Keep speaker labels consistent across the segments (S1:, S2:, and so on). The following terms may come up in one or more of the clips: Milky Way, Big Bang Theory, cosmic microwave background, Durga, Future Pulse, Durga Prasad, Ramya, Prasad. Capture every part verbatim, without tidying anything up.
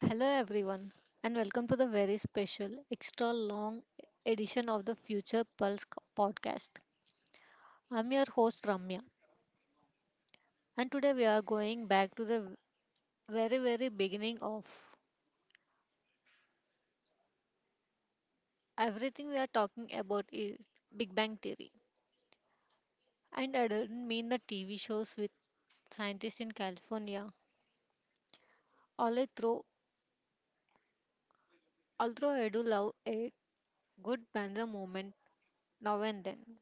S1: Hello, everyone, and welcome to the very special, extra long edition of the Future Pulse co- podcast. I'm your host Ramya, and today we are going back to the very, very beginning of everything we are talking about is Big Bang Theory. And I don't mean the T V shows with scientists in California, although, although I do love a good banter moment now and then.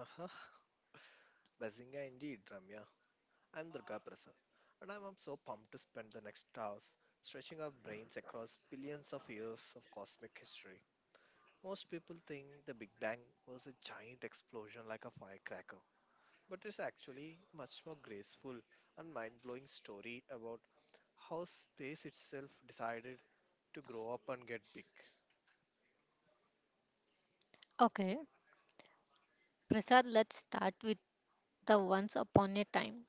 S2: Uh-huh. Bazinga indeed, Ramya. I'm Durga Prasad, and I'm, I'm so pumped to spend the next hours stretching our brains across billions of years of cosmic history. Most people think the Big Bang was a giant explosion like a firecracker, but it's actually much more graceful and mind-blowing story about how space itself decided to grow up and get big.
S1: Okay, Prasad, let's start with the Once Upon a Time.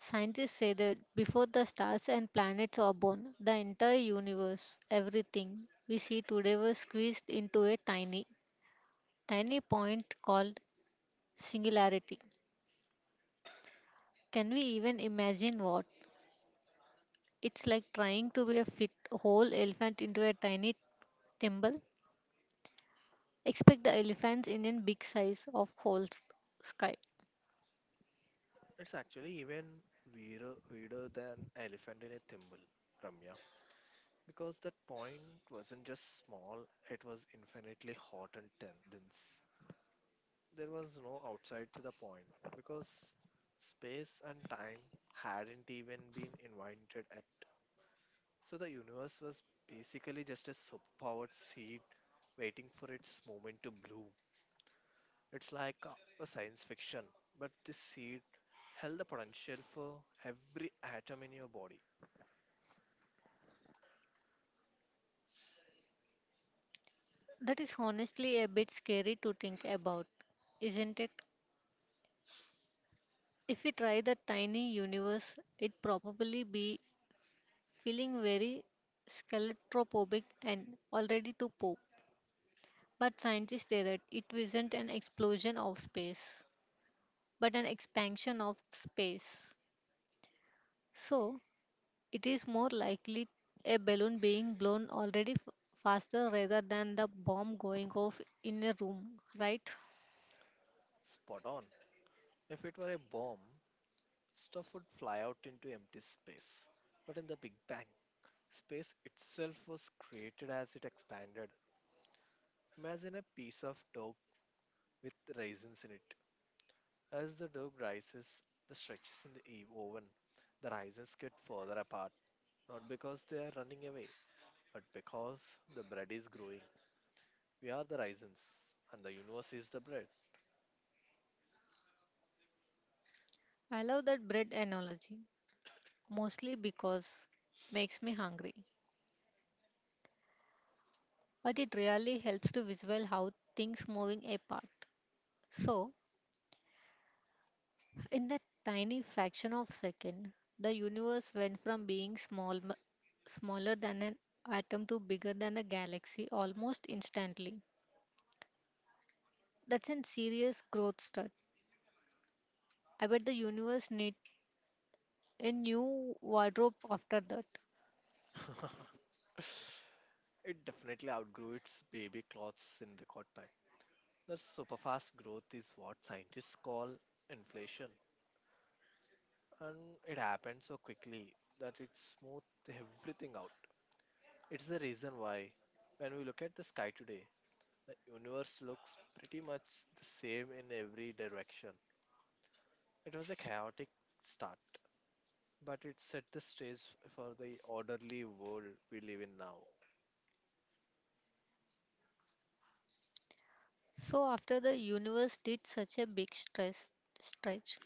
S1: Scientists say that before the stars and planets are born, the entire universe, everything we see today was squeezed into a tiny, tiny point called singularity. Can we even imagine what? It's like trying to be a fit whole elephant into a tiny thimble. Expect the elephants in a big size of whole s- sky.
S2: It's actually even weirder, weirder than elephant in a thimble, Ramya. Because that point wasn't just small, it was infinitely hot and tense. There was no outside to the point, because space and time hadn't even been invented at. So the universe was basically just a superpowered seed waiting for its moment to bloom. It's like a, a science fiction, but this seed held the potential for every atom in your body.
S1: That is honestly a bit scary to think about, isn't it? If we try the tiny universe, it'd probably be feeling very claustrophobic and already too poor. But scientists say that it isn't an explosion of space, but an expansion of space. So, it is more likely a balloon being blown already f- faster rather than the bomb going off in a room, right?
S2: Spot on. If it were a bomb, stuff would fly out into empty space. But in the Big Bang, space itself was created as it expanded. Imagine a piece of dough with raisins in it. As the dough rises, the stretches in the e-, oven, the raisins get further apart, not because they are running away, but because the bread is growing. We are the raisins, and the universe is the bread.
S1: I love that bread analogy, mostly because makes me hungry, but it really helps to visualize how things moving apart. So, in that tiny fraction of second, the universe went from being small, smaller than an atom to bigger than a galaxy almost instantly. That's a serious growth start. I bet the universe need a new wardrobe after that.
S2: It definitely outgrew its baby clothes in record time. The superfast growth is what scientists call inflation, and it happens so quickly that it smooths everything out. It's the reason why, when we look at the sky today, the universe looks pretty much the same in every direction. It was a chaotic start, but it set the stage for the orderly world we live in now.
S1: So after the universe did such a big stress stretch,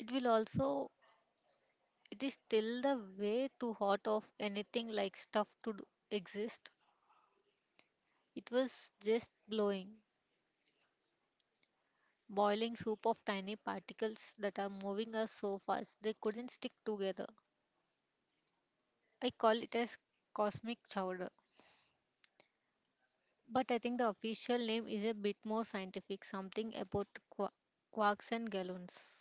S1: it will also it is still the way too hot of anything like stuff to do- exist. It was just blowing boiling soup of tiny particles that are moving us so fast they couldn't stick together. I call it as cosmic chowder. But I think the official name is a bit more scientific, something about qua- quarks and gallons.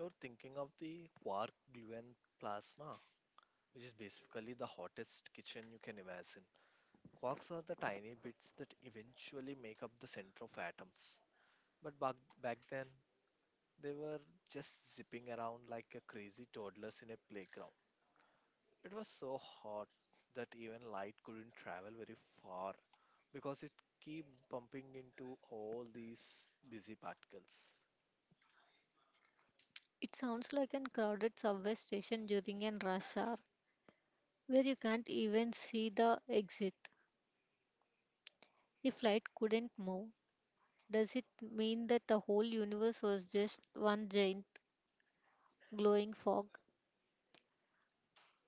S2: You're thinking of the quark gluon plasma, which is basically the hottest kitchen you can imagine. Quarks are the tiny bits that eventually make up the center of atoms. But back, back then, they were just zipping around like a crazy toddlers in a playground. It was so hot that even light couldn't travel very far because it keep bumping into all these busy particles.
S1: It sounds like a crowded subway station during a rush hour where you can't even see the exit. If light couldn't move, does it mean that the whole universe was just one giant glowing fog?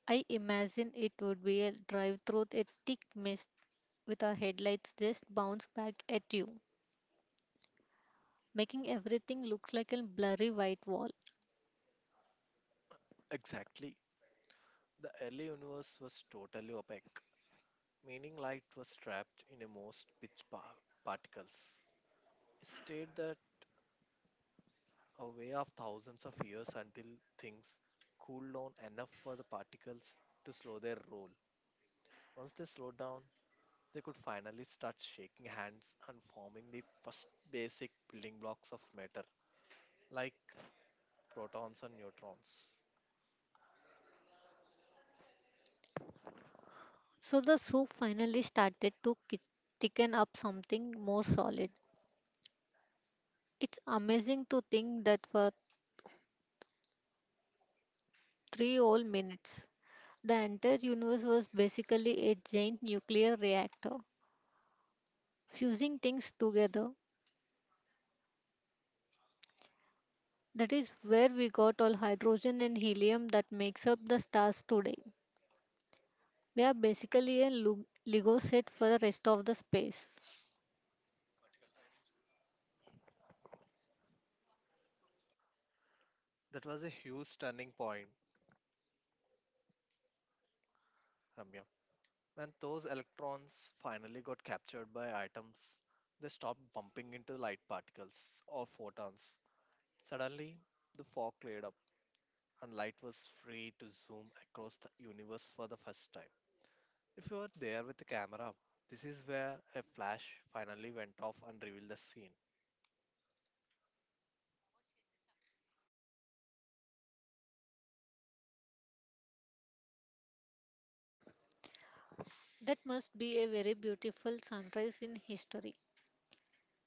S1: I imagine it would be a drive through a thick mist with our headlights just bounce back at you, making everything look like a blurry white wall.
S2: Exactly. The early universe was totally opaque, meaning light was trapped in a most pitch pa- particles. It stayed there a way of thousands of years until things cooled down enough for the particles to slow their roll. Once they slowed down, they could finally start shaking hands and forming the first basic building blocks of matter, like protons and neutrons.
S1: So the soup finally started to ki- thicken up something more solid. It's amazing to think that for three whole minutes, the entire universe was basically a giant nuclear reactor, fusing things together. That is where we got all hydrogen and helium that makes up the stars today. We are basically a Lu- Lego set for the rest of the space.
S2: That was a huge turning point, Ramya. When those electrons finally got captured by atoms, they stopped bumping into light particles or photons. Suddenly, the fog cleared up and light was free to zoom across the universe for the first time. If you were there with the camera, this is where a flash finally went off and revealed the scene.
S1: That must be a very beautiful sunrise in history.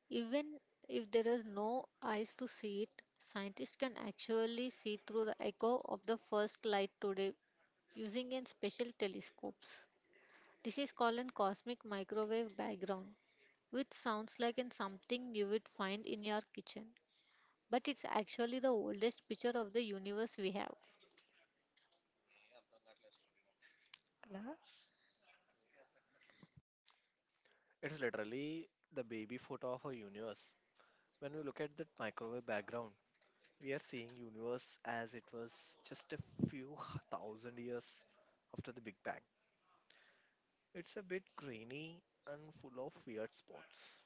S1: Even if there are no eyes to see it, scientists can actually see through the echo of the first light today using a special telescopes. This is called a cosmic microwave background, which sounds like an something you would find in your kitchen. But it's actually the oldest picture of the universe we have.
S2: It's literally the baby photo of our universe. When we look at that microwave background, we are seeing universe as it was just a few thousand years after the Big Bang. It's a bit grainy and full of weird spots.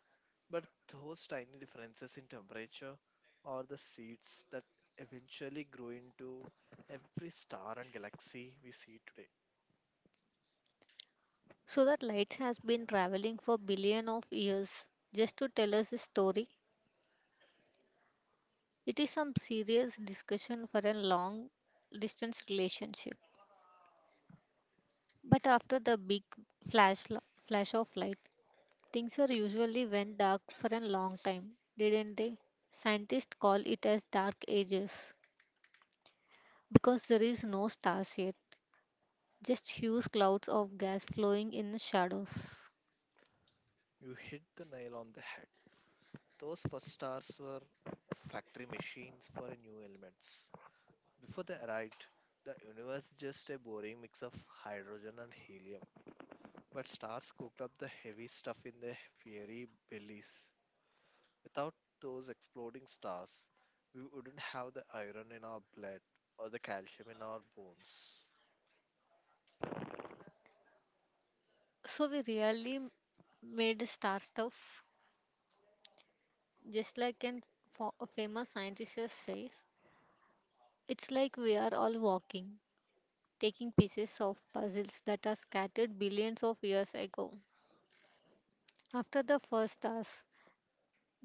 S2: But those tiny differences in temperature are the seeds that eventually grow into every star and galaxy we see today.
S1: So that light has been traveling for billion of years just to tell us a story. It is some serious discussion for a long distance relationship. But after the big flash lo- flash of light, things are usually went dark for a long time, didn't they? Scientists call it as dark ages because there is no stars yet, just huge clouds of gas flowing in the shadows.
S2: You hit the nail on the head. Those first stars were factory machines for new elements. Before they arrived, the universe just a boring mix of hydrogen and helium. But stars cooked up the heavy stuff in their fiery bellies. Without those exploding stars, we wouldn't have the iron in our blood or the calcium in our bones.
S1: So we really made star stuff. Just like an fo- a famous scientist says, it's like we are all walking, taking pieces of puzzles that are scattered billions of years ago. After the first task,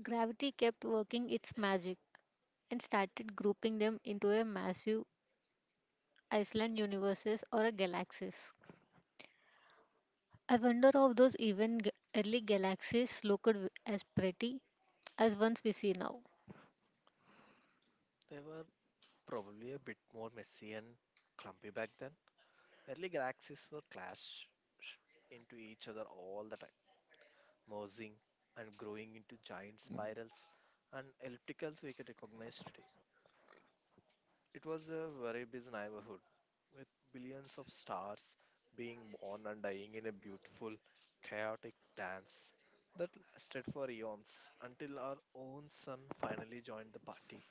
S1: gravity kept working its magic and started grouping them into a massive island universes or a galaxies. I wonder if those even g- early galaxies looked w- as pretty as ones we see now.
S2: They were probably a bit more messy and clumpy back then. Early galaxies were clashed into each other all the time, merging and growing into giant spirals and ellipticals we can recognize today. It was a very busy neighborhood with billions of stars being born and dying in a beautiful, chaotic dance that lasted for eons until our own son finally joined the party.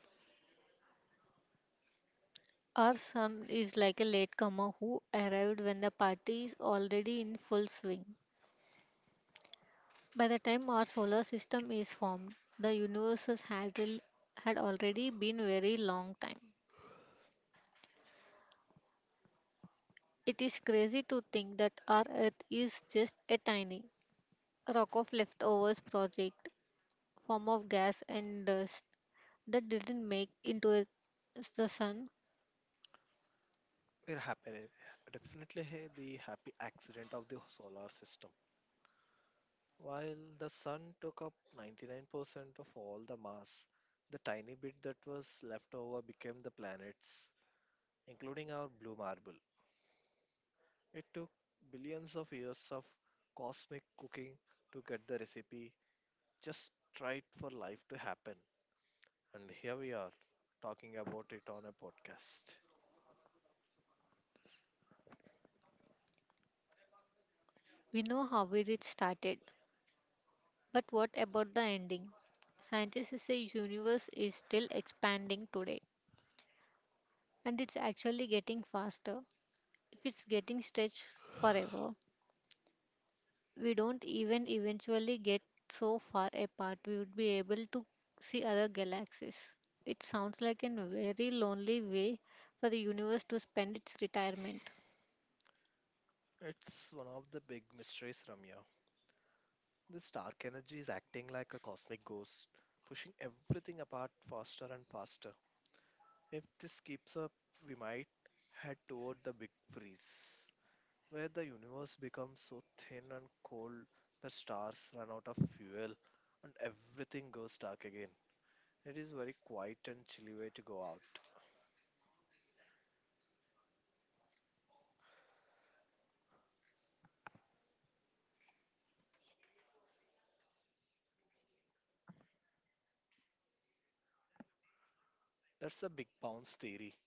S1: Our son is like a latecomer who arrived when the party is already in full swing. By the time our solar system is formed, the universe has had, al- had already been very long time. It is crazy to think that our Earth is just a tiny rock of leftovers project, form of gas and dust that didn't make into it- the sun.
S2: We're happy, definitely hey, the happy accident of the solar system. While the sun took up ninety-nine percent of all the mass, the tiny bit that was left over became the planets, including our blue marble. It took billions of years of cosmic cooking to get the recipe just right for life to happen. And here we are talking about it on a podcast.
S1: We know how it started, but what about the ending? Scientists say universe is still expanding today and it's actually getting faster. If it's getting stretched forever, we don't even eventually get so far apart we would be able to see other galaxies. It sounds like a very lonely way for the universe to spend its retirement.
S2: It's one of the big mysteries, Ramya. This dark energy is acting like a cosmic ghost, pushing everything apart faster and faster. If this keeps up, we might head toward the big freeze, where the universe becomes so thin and cold that stars run out of fuel and everything goes dark again. It is very quiet and chilly way to go out. That's the big bounce theory.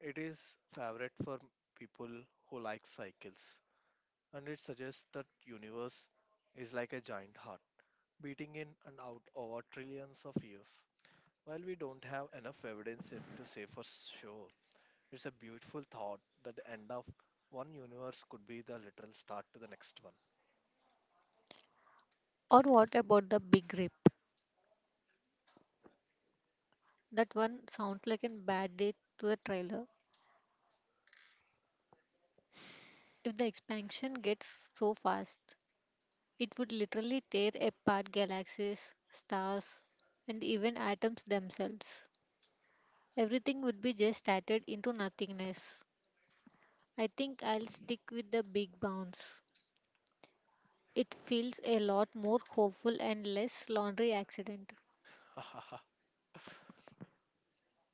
S2: It is favorite for people who like cycles and it suggests that universe is like a giant heart beating in and out over trillions of years. While we don't have enough evidence yet to say for sure, it's a beautiful thought that the end of one universe could be the literal start to the next one.
S1: Or what about the big rip? That one sounds like a bad date to the trailer. If the expansion gets so fast, it would literally tear apart galaxies, stars, and even atoms themselves. Everything would be just shattered into nothingness. I think I'll stick with the big bounce. It feels a lot more hopeful and less laundry accident.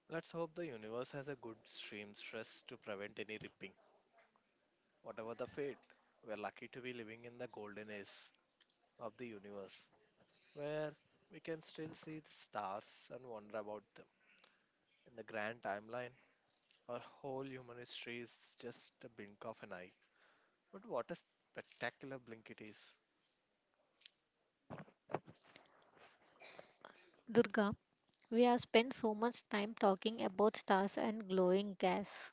S2: Let's hope the universe has a good stream stress to prevent any ripping. Whatever the fate, we're lucky to be living in the golden age of the universe, where we can still see the stars and wonder about them. In the grand timeline, our whole human history is just a blink of an eye. But what a spectacular blink it is!
S1: Durga, we have spent so much time talking about stars and glowing gas.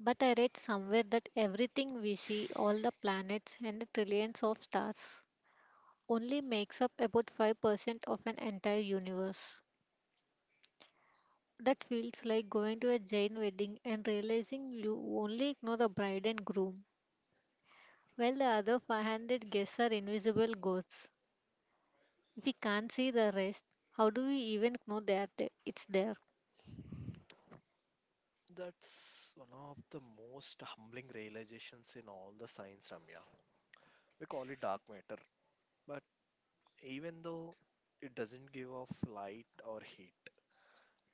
S1: But I read somewhere that everything we see, all the planets and the trillions of stars, only makes up about five percent of an entire universe. That feels like going to a Jain wedding and realizing you only know the bride and groom, while the other five hundred guests are invisible ghosts. If we can't see the rest, how do we even know they're there? It's there.
S2: That's one of the most humbling realizations in all the science, Ramya. We call it dark matter, but even though it doesn't give off light or heat,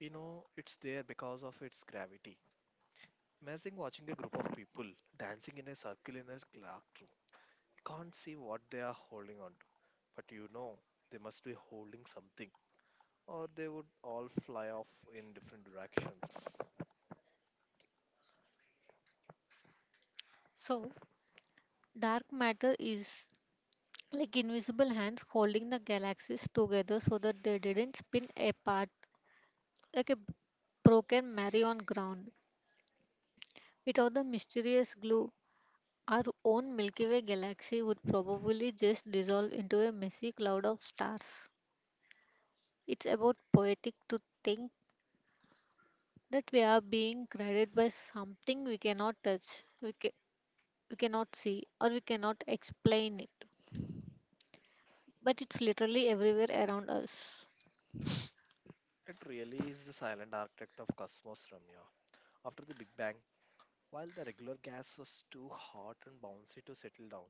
S2: we know it's there because of its gravity. Imagine watching a group of people dancing in a circle in a dark room. You can't see what they are holding on to, but you know they must be holding something, or they would all fly off in different directions.
S1: So, dark matter is like invisible hands holding the galaxies together so that they didn't spin apart like a broken merry on ground without the mysterious glue. Our own Milky Way galaxy would probably just dissolve into a messy cloud of stars. It's about poetic to think that we are being guided by something we cannot touch, we, ca- we cannot see, or we cannot explain it. But it's literally everywhere around us.
S2: It really is the silent architect of cosmos, Ramya. After the Big Bang, while the regular gas was too hot and bouncy to settle down,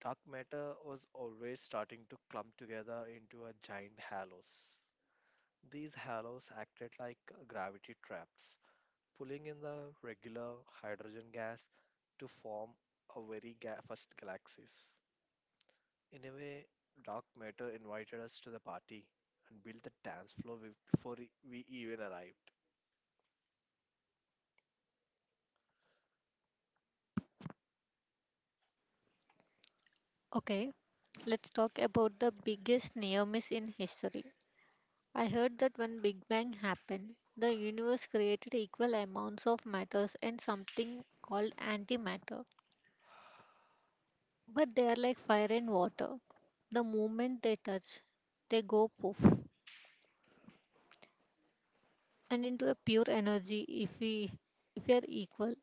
S2: dark matter was always starting to clump together into a giant halos. These halos acted like gravity traps, pulling in the regular hydrogen gas to form a very ga- first galaxies. In a way, dark matter invited us to the party and built the dance floor we- before e- we even arrived.
S1: Okay, let's talk about the biggest near miss in history. I heard that when Big Bang happened, the universe created equal amounts of matters and something called antimatter. But they are like fire and water. The moment they touch, they go poof and into a pure energy if we if we are equal.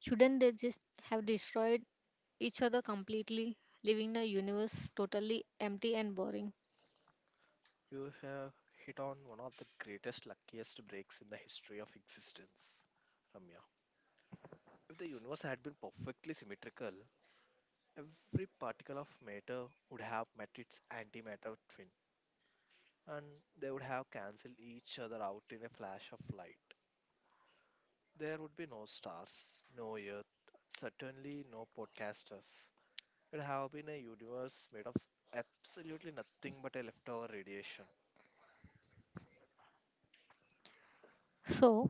S1: Shouldn't they just have destroyed each other completely, leaving the universe totally empty and boring?
S2: You have hit on one of the greatest, luckiest breaks in the history of existence, Ramya. If the universe had been perfectly symmetrical, every particle of matter would have met its antimatter twin, and they would have cancelled each other out in a flash of light. There would be no stars, no earth, certainly no podcasters. It would have been a universe made of absolutely nothing but a leftover radiation.
S1: So,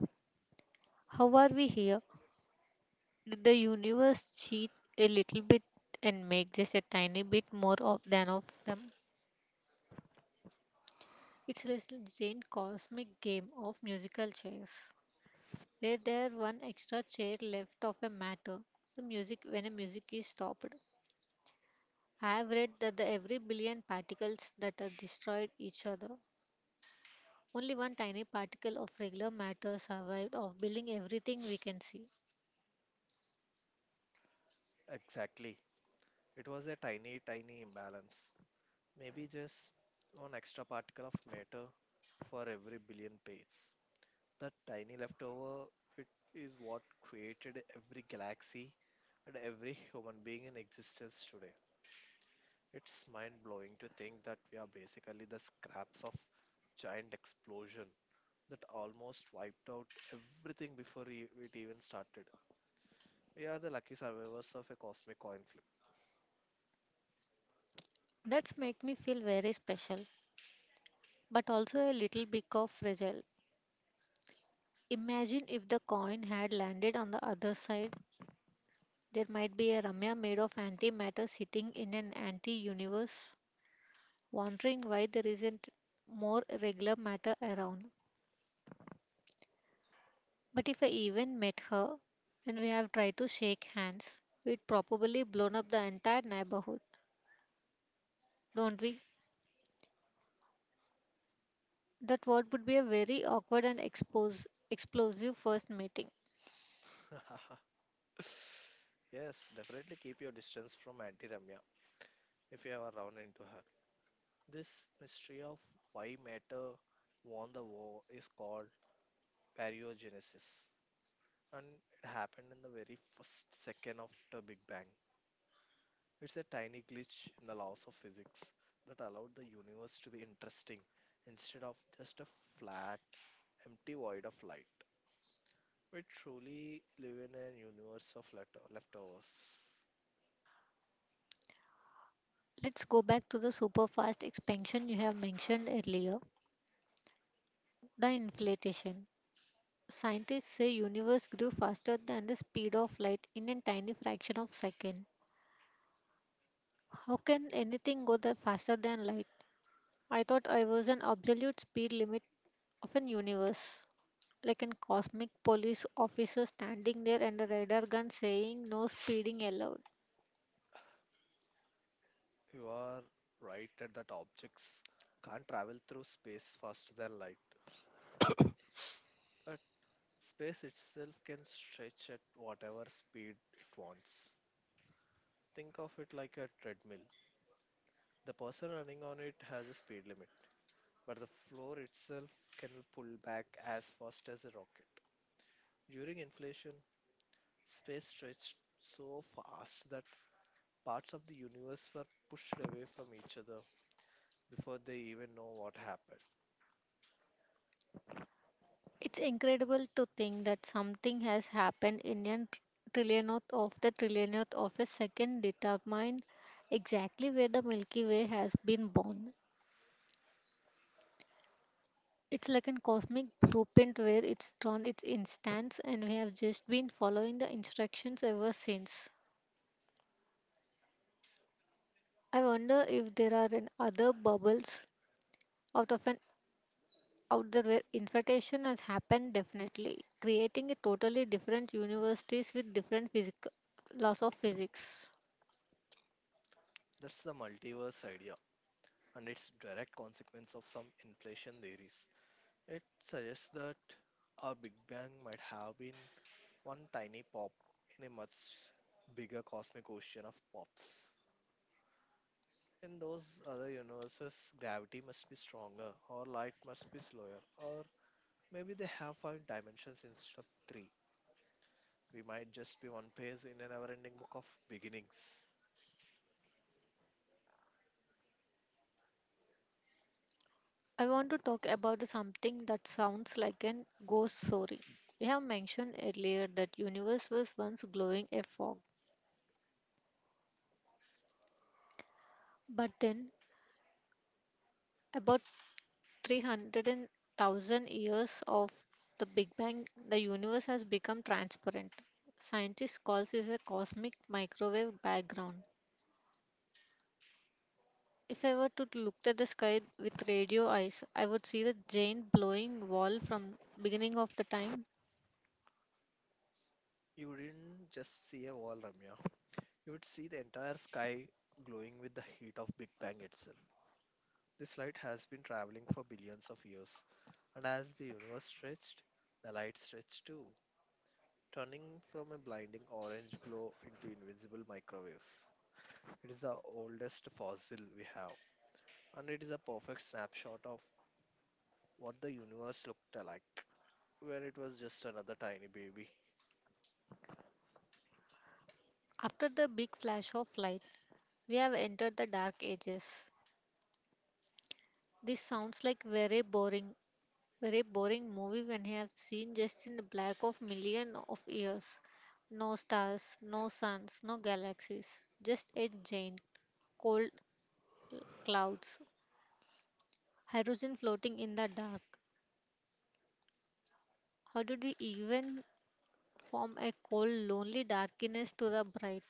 S1: how are we here? Did the universe cheat a little bit and make just a tiny bit more of than of them? It's a little giant cosmic game of musical chairs. Were there one extra chair left of a matter? The music when a music is stopped. I have read that the every billion particles that are destroyed each other. Only one tiny particle of regular matter survived of building everything we can see.
S2: Exactly. It was a tiny, tiny imbalance. Maybe just one extra particle of matter for every billion pages. That tiny leftover bit is what created every galaxy and every human being in existence today. It's mind blowing to think that we are basically the scraps of giant explosion that almost wiped out everything before e- it even started. We are the lucky survivors of a cosmic coin
S1: That's make me feel very special, but also a little bit of fragile. Imagine if the coin had landed on the other side. There might be a Ramya made of antimatter sitting in an anti universe, wondering why there isn't more regular matter around. But if I even met her and we have tried to shake hands, we'd probably blown up the entire neighborhood, don't we? That what would be a very awkward and expose, explosive first meeting.
S2: flip. Yes, definitely keep your distance from Anti Ramya if you ever run into her. This mystery of why matter won the war is called baryogenesis, and it happened in the very first second of the Big Bang. It's a tiny glitch in the laws of physics that allowed the universe to be interesting instead of just a flat, empty void of light. We truly live in a universe of letter- leftovers.
S1: Let's go back to the super fast expansion you have mentioned earlier, the inflation. Scientists say universe grew faster than the speed of light in a tiny fraction of second. How can anything go that faster than light? I thought I was an absolute speed limit of an universe, like an cosmic police officer standing there and a radar gun saying no speeding allowed.
S2: You are right that objects can't travel through space faster than light, but space itself can stretch at whatever speed it wants. Think of it like a treadmill. The person running on it has a speed limit, but the floor itself can be pulled back as fast as a rocket. During inflation, space stretched so fast that parts of the universe were pushed away from each other before they even know what happened.
S1: It's incredible to think that something has happened in a trillionth of the trillionth of a second determine exactly where the Milky Way has been born. It's like a cosmic blueprint where it's drawn its instance and we have just been following the instructions ever since. I wonder if there are an other bubbles out of an out there where infiltration has happened definitely creating a totally different universities with different physic- laws of physics.
S2: That's the multiverse idea and its direct consequence of some inflation theories. It suggests that our Big Bang might have been one tiny pop in a much bigger cosmic ocean of pops. In those other universes, gravity must be stronger, or light must be slower, or maybe they have five dimensions instead of three. We might just be one page in a never ending book of beginnings.
S1: I want to talk about something that sounds like an ghost story. We have mentioned earlier that universe was once glowing a fog, but then about three hundred thousand years of the big bang the universe has become transparent. Scientists calls it a cosmic microwave background. If I were to look at the sky with radio eyes, I would see the giant blowing wall from beginning of the time.
S2: You wouldn't just see a wall, Ramya. You would see the entire sky glowing with the heat of Big Bang itself. This light has been traveling for billions of years, and as the universe stretched, the light stretched too, turning from a blinding orange glow into invisible microwaves. It is the oldest fossil we have, and it is a perfect snapshot of what the universe looked like when it was just another tiny baby.
S1: After the big flash of light, we have entered the dark ages. This sounds like very boring, very boring movie when you have seen just in the black of million of years. No stars, no suns, no galaxies, just a giant cold clouds, hydrogen floating in the dark. How did we even from a cold, lonely darkness to the bright,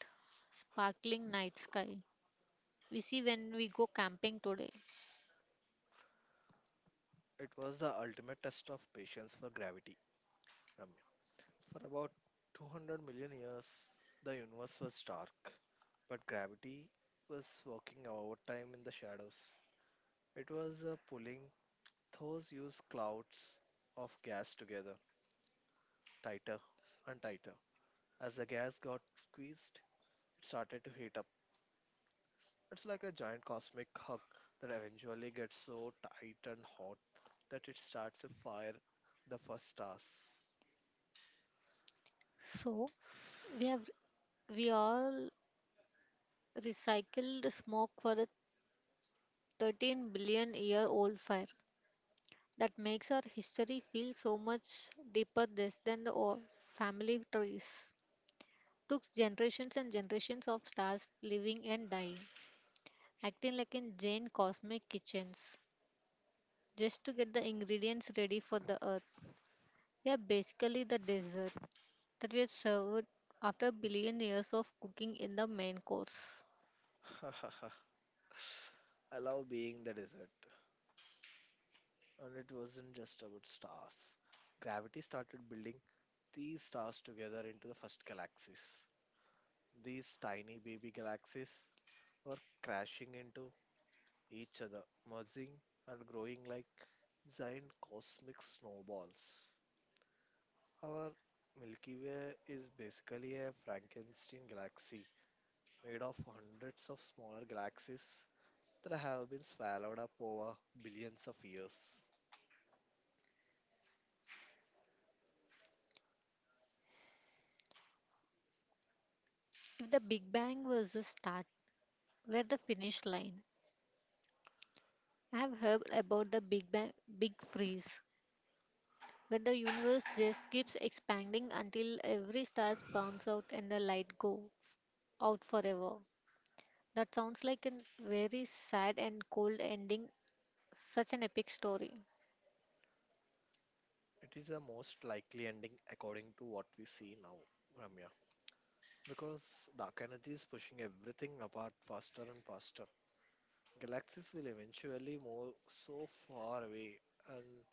S1: sparkling night sky we see when we go camping today.
S2: It was the ultimate test of patience for gravity, Ramya. For about two hundred million years, the universe was dark, but gravity was working overtime in the shadows. It was uh, pulling those used clouds of gas together, tighter and tighter. As the gas got squeezed, it started to heat up. It's like a giant cosmic hug that eventually gets so tight and hot that it starts a fire the first stars.
S1: So, we have we all recycled smoke for a thirteen billion year old fire that makes our history feel so much deeper this than the old family trees. Took generations and generations of stars living and dying, acting like in Jane cosmic kitchens, just to get the ingredients ready for the earth. Yeah, basically the dessert that we served after billion years of cooking in the main course.
S2: I love being the desert. And it wasn't just about stars. Gravity started building these stars together into the first galaxies. These tiny baby galaxies were crashing into each other, merging and growing like giant cosmic snowballs. Our Milky Way is basically a Frankenstein galaxy made of hundreds of smaller galaxies that have been swallowed up over billions of years.
S1: If the Big Bang was the start, where the finish line? I have heard about the Big Bang Big Freeze, where the universe just keeps expanding until every star bounce out and the light go out forever. That sounds like a very sad and cold ending, such an epic story.
S2: It is the most likely ending according to what we see now, Ramya. Because dark energy is pushing everything apart faster and faster. Galaxies will eventually move so far away and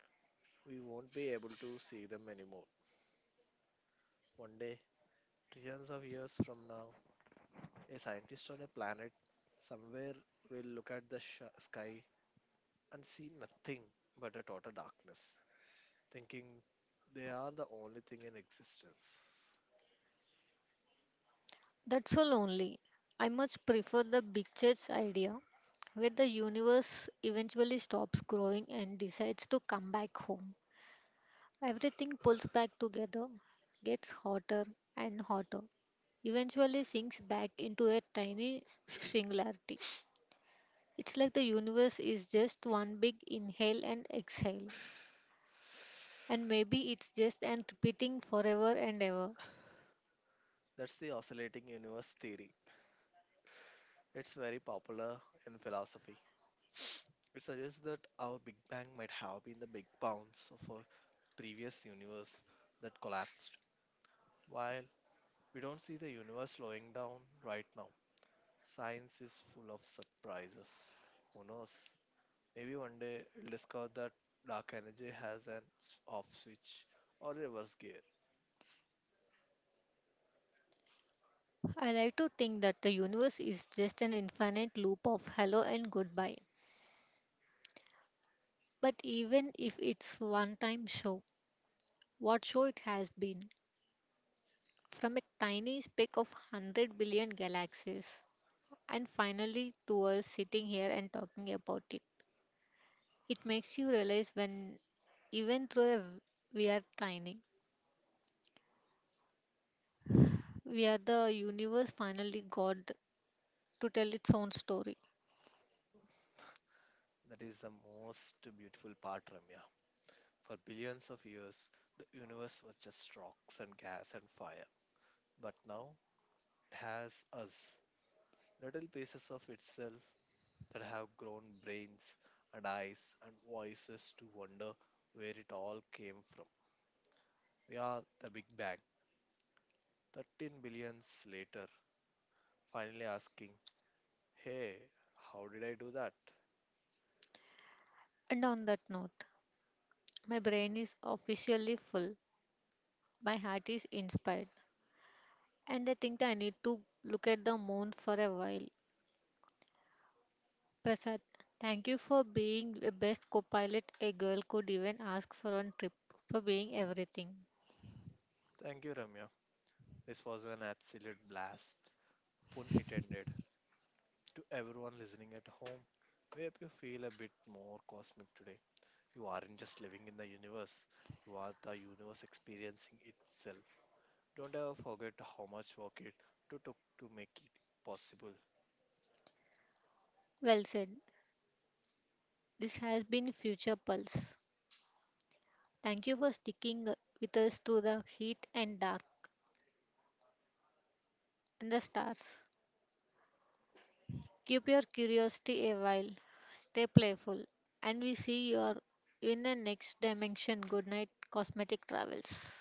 S2: we won't be able to see them anymore. One day, trillions of years from now, a scientist on a planet somewhere will look at the sh- sky and see nothing but a total darkness, thinking they are the only thing in existence.
S1: That's so lonely. I much prefer the big church idea where the universe eventually stops growing and decides to come back home. Everything pulls back together, gets hotter and hotter, eventually sinks back into a tiny singularity. It's like the universe is just one big inhale and exhale, and maybe it's just an repeating forever and ever.
S2: That's the oscillating universe theory. It's very popular in philosophy. It suggests that our Big Bang might have been the big bounce of a previous universe that collapsed. While we don't see the universe slowing down right now, science is full of surprises. Who knows? Maybe one day we'll discover that dark energy has an s- off switch or reverse gear.
S1: I like to think that the universe is just an infinite loop of hello and goodbye. But even if it's one time show, what show it has been? From a tiny speck of one hundred billion galaxies, and finally to us sitting here and talking about it. It makes you realize when, even though a- we are tiny, we are the universe finally got to tell its own story.
S2: That is the most beautiful part, Ramya. For billions of years, the universe was just rocks and gas and fire. But now it has us, little pieces of itself that have grown brains and eyes and voices to wonder where it all came from. We are the Big Bang, thirteen billions later, finally asking, hey, how did I do that?
S1: And on that note, my brain is officially full, my heart is inspired, and I think I need to look at the moon for a while. Prasad, thank you for being the best co-pilot a girl could even ask for on trip, for being everything.
S2: Thank you, Ramya. This was an absolute blast. Pun intended. To everyone listening at home, we hope you feel a bit more cosmic today. You aren't just living in the universe, you are the universe experiencing itself. Don't ever forget how much work it took to make it possible.
S1: Well said. This has been Future Pulse. Thank you for sticking with us through the heat and dark and the stars. Keep your curiosity a while. Stay playful. And we see you are in the next dimension. Good night, cosmetic travels.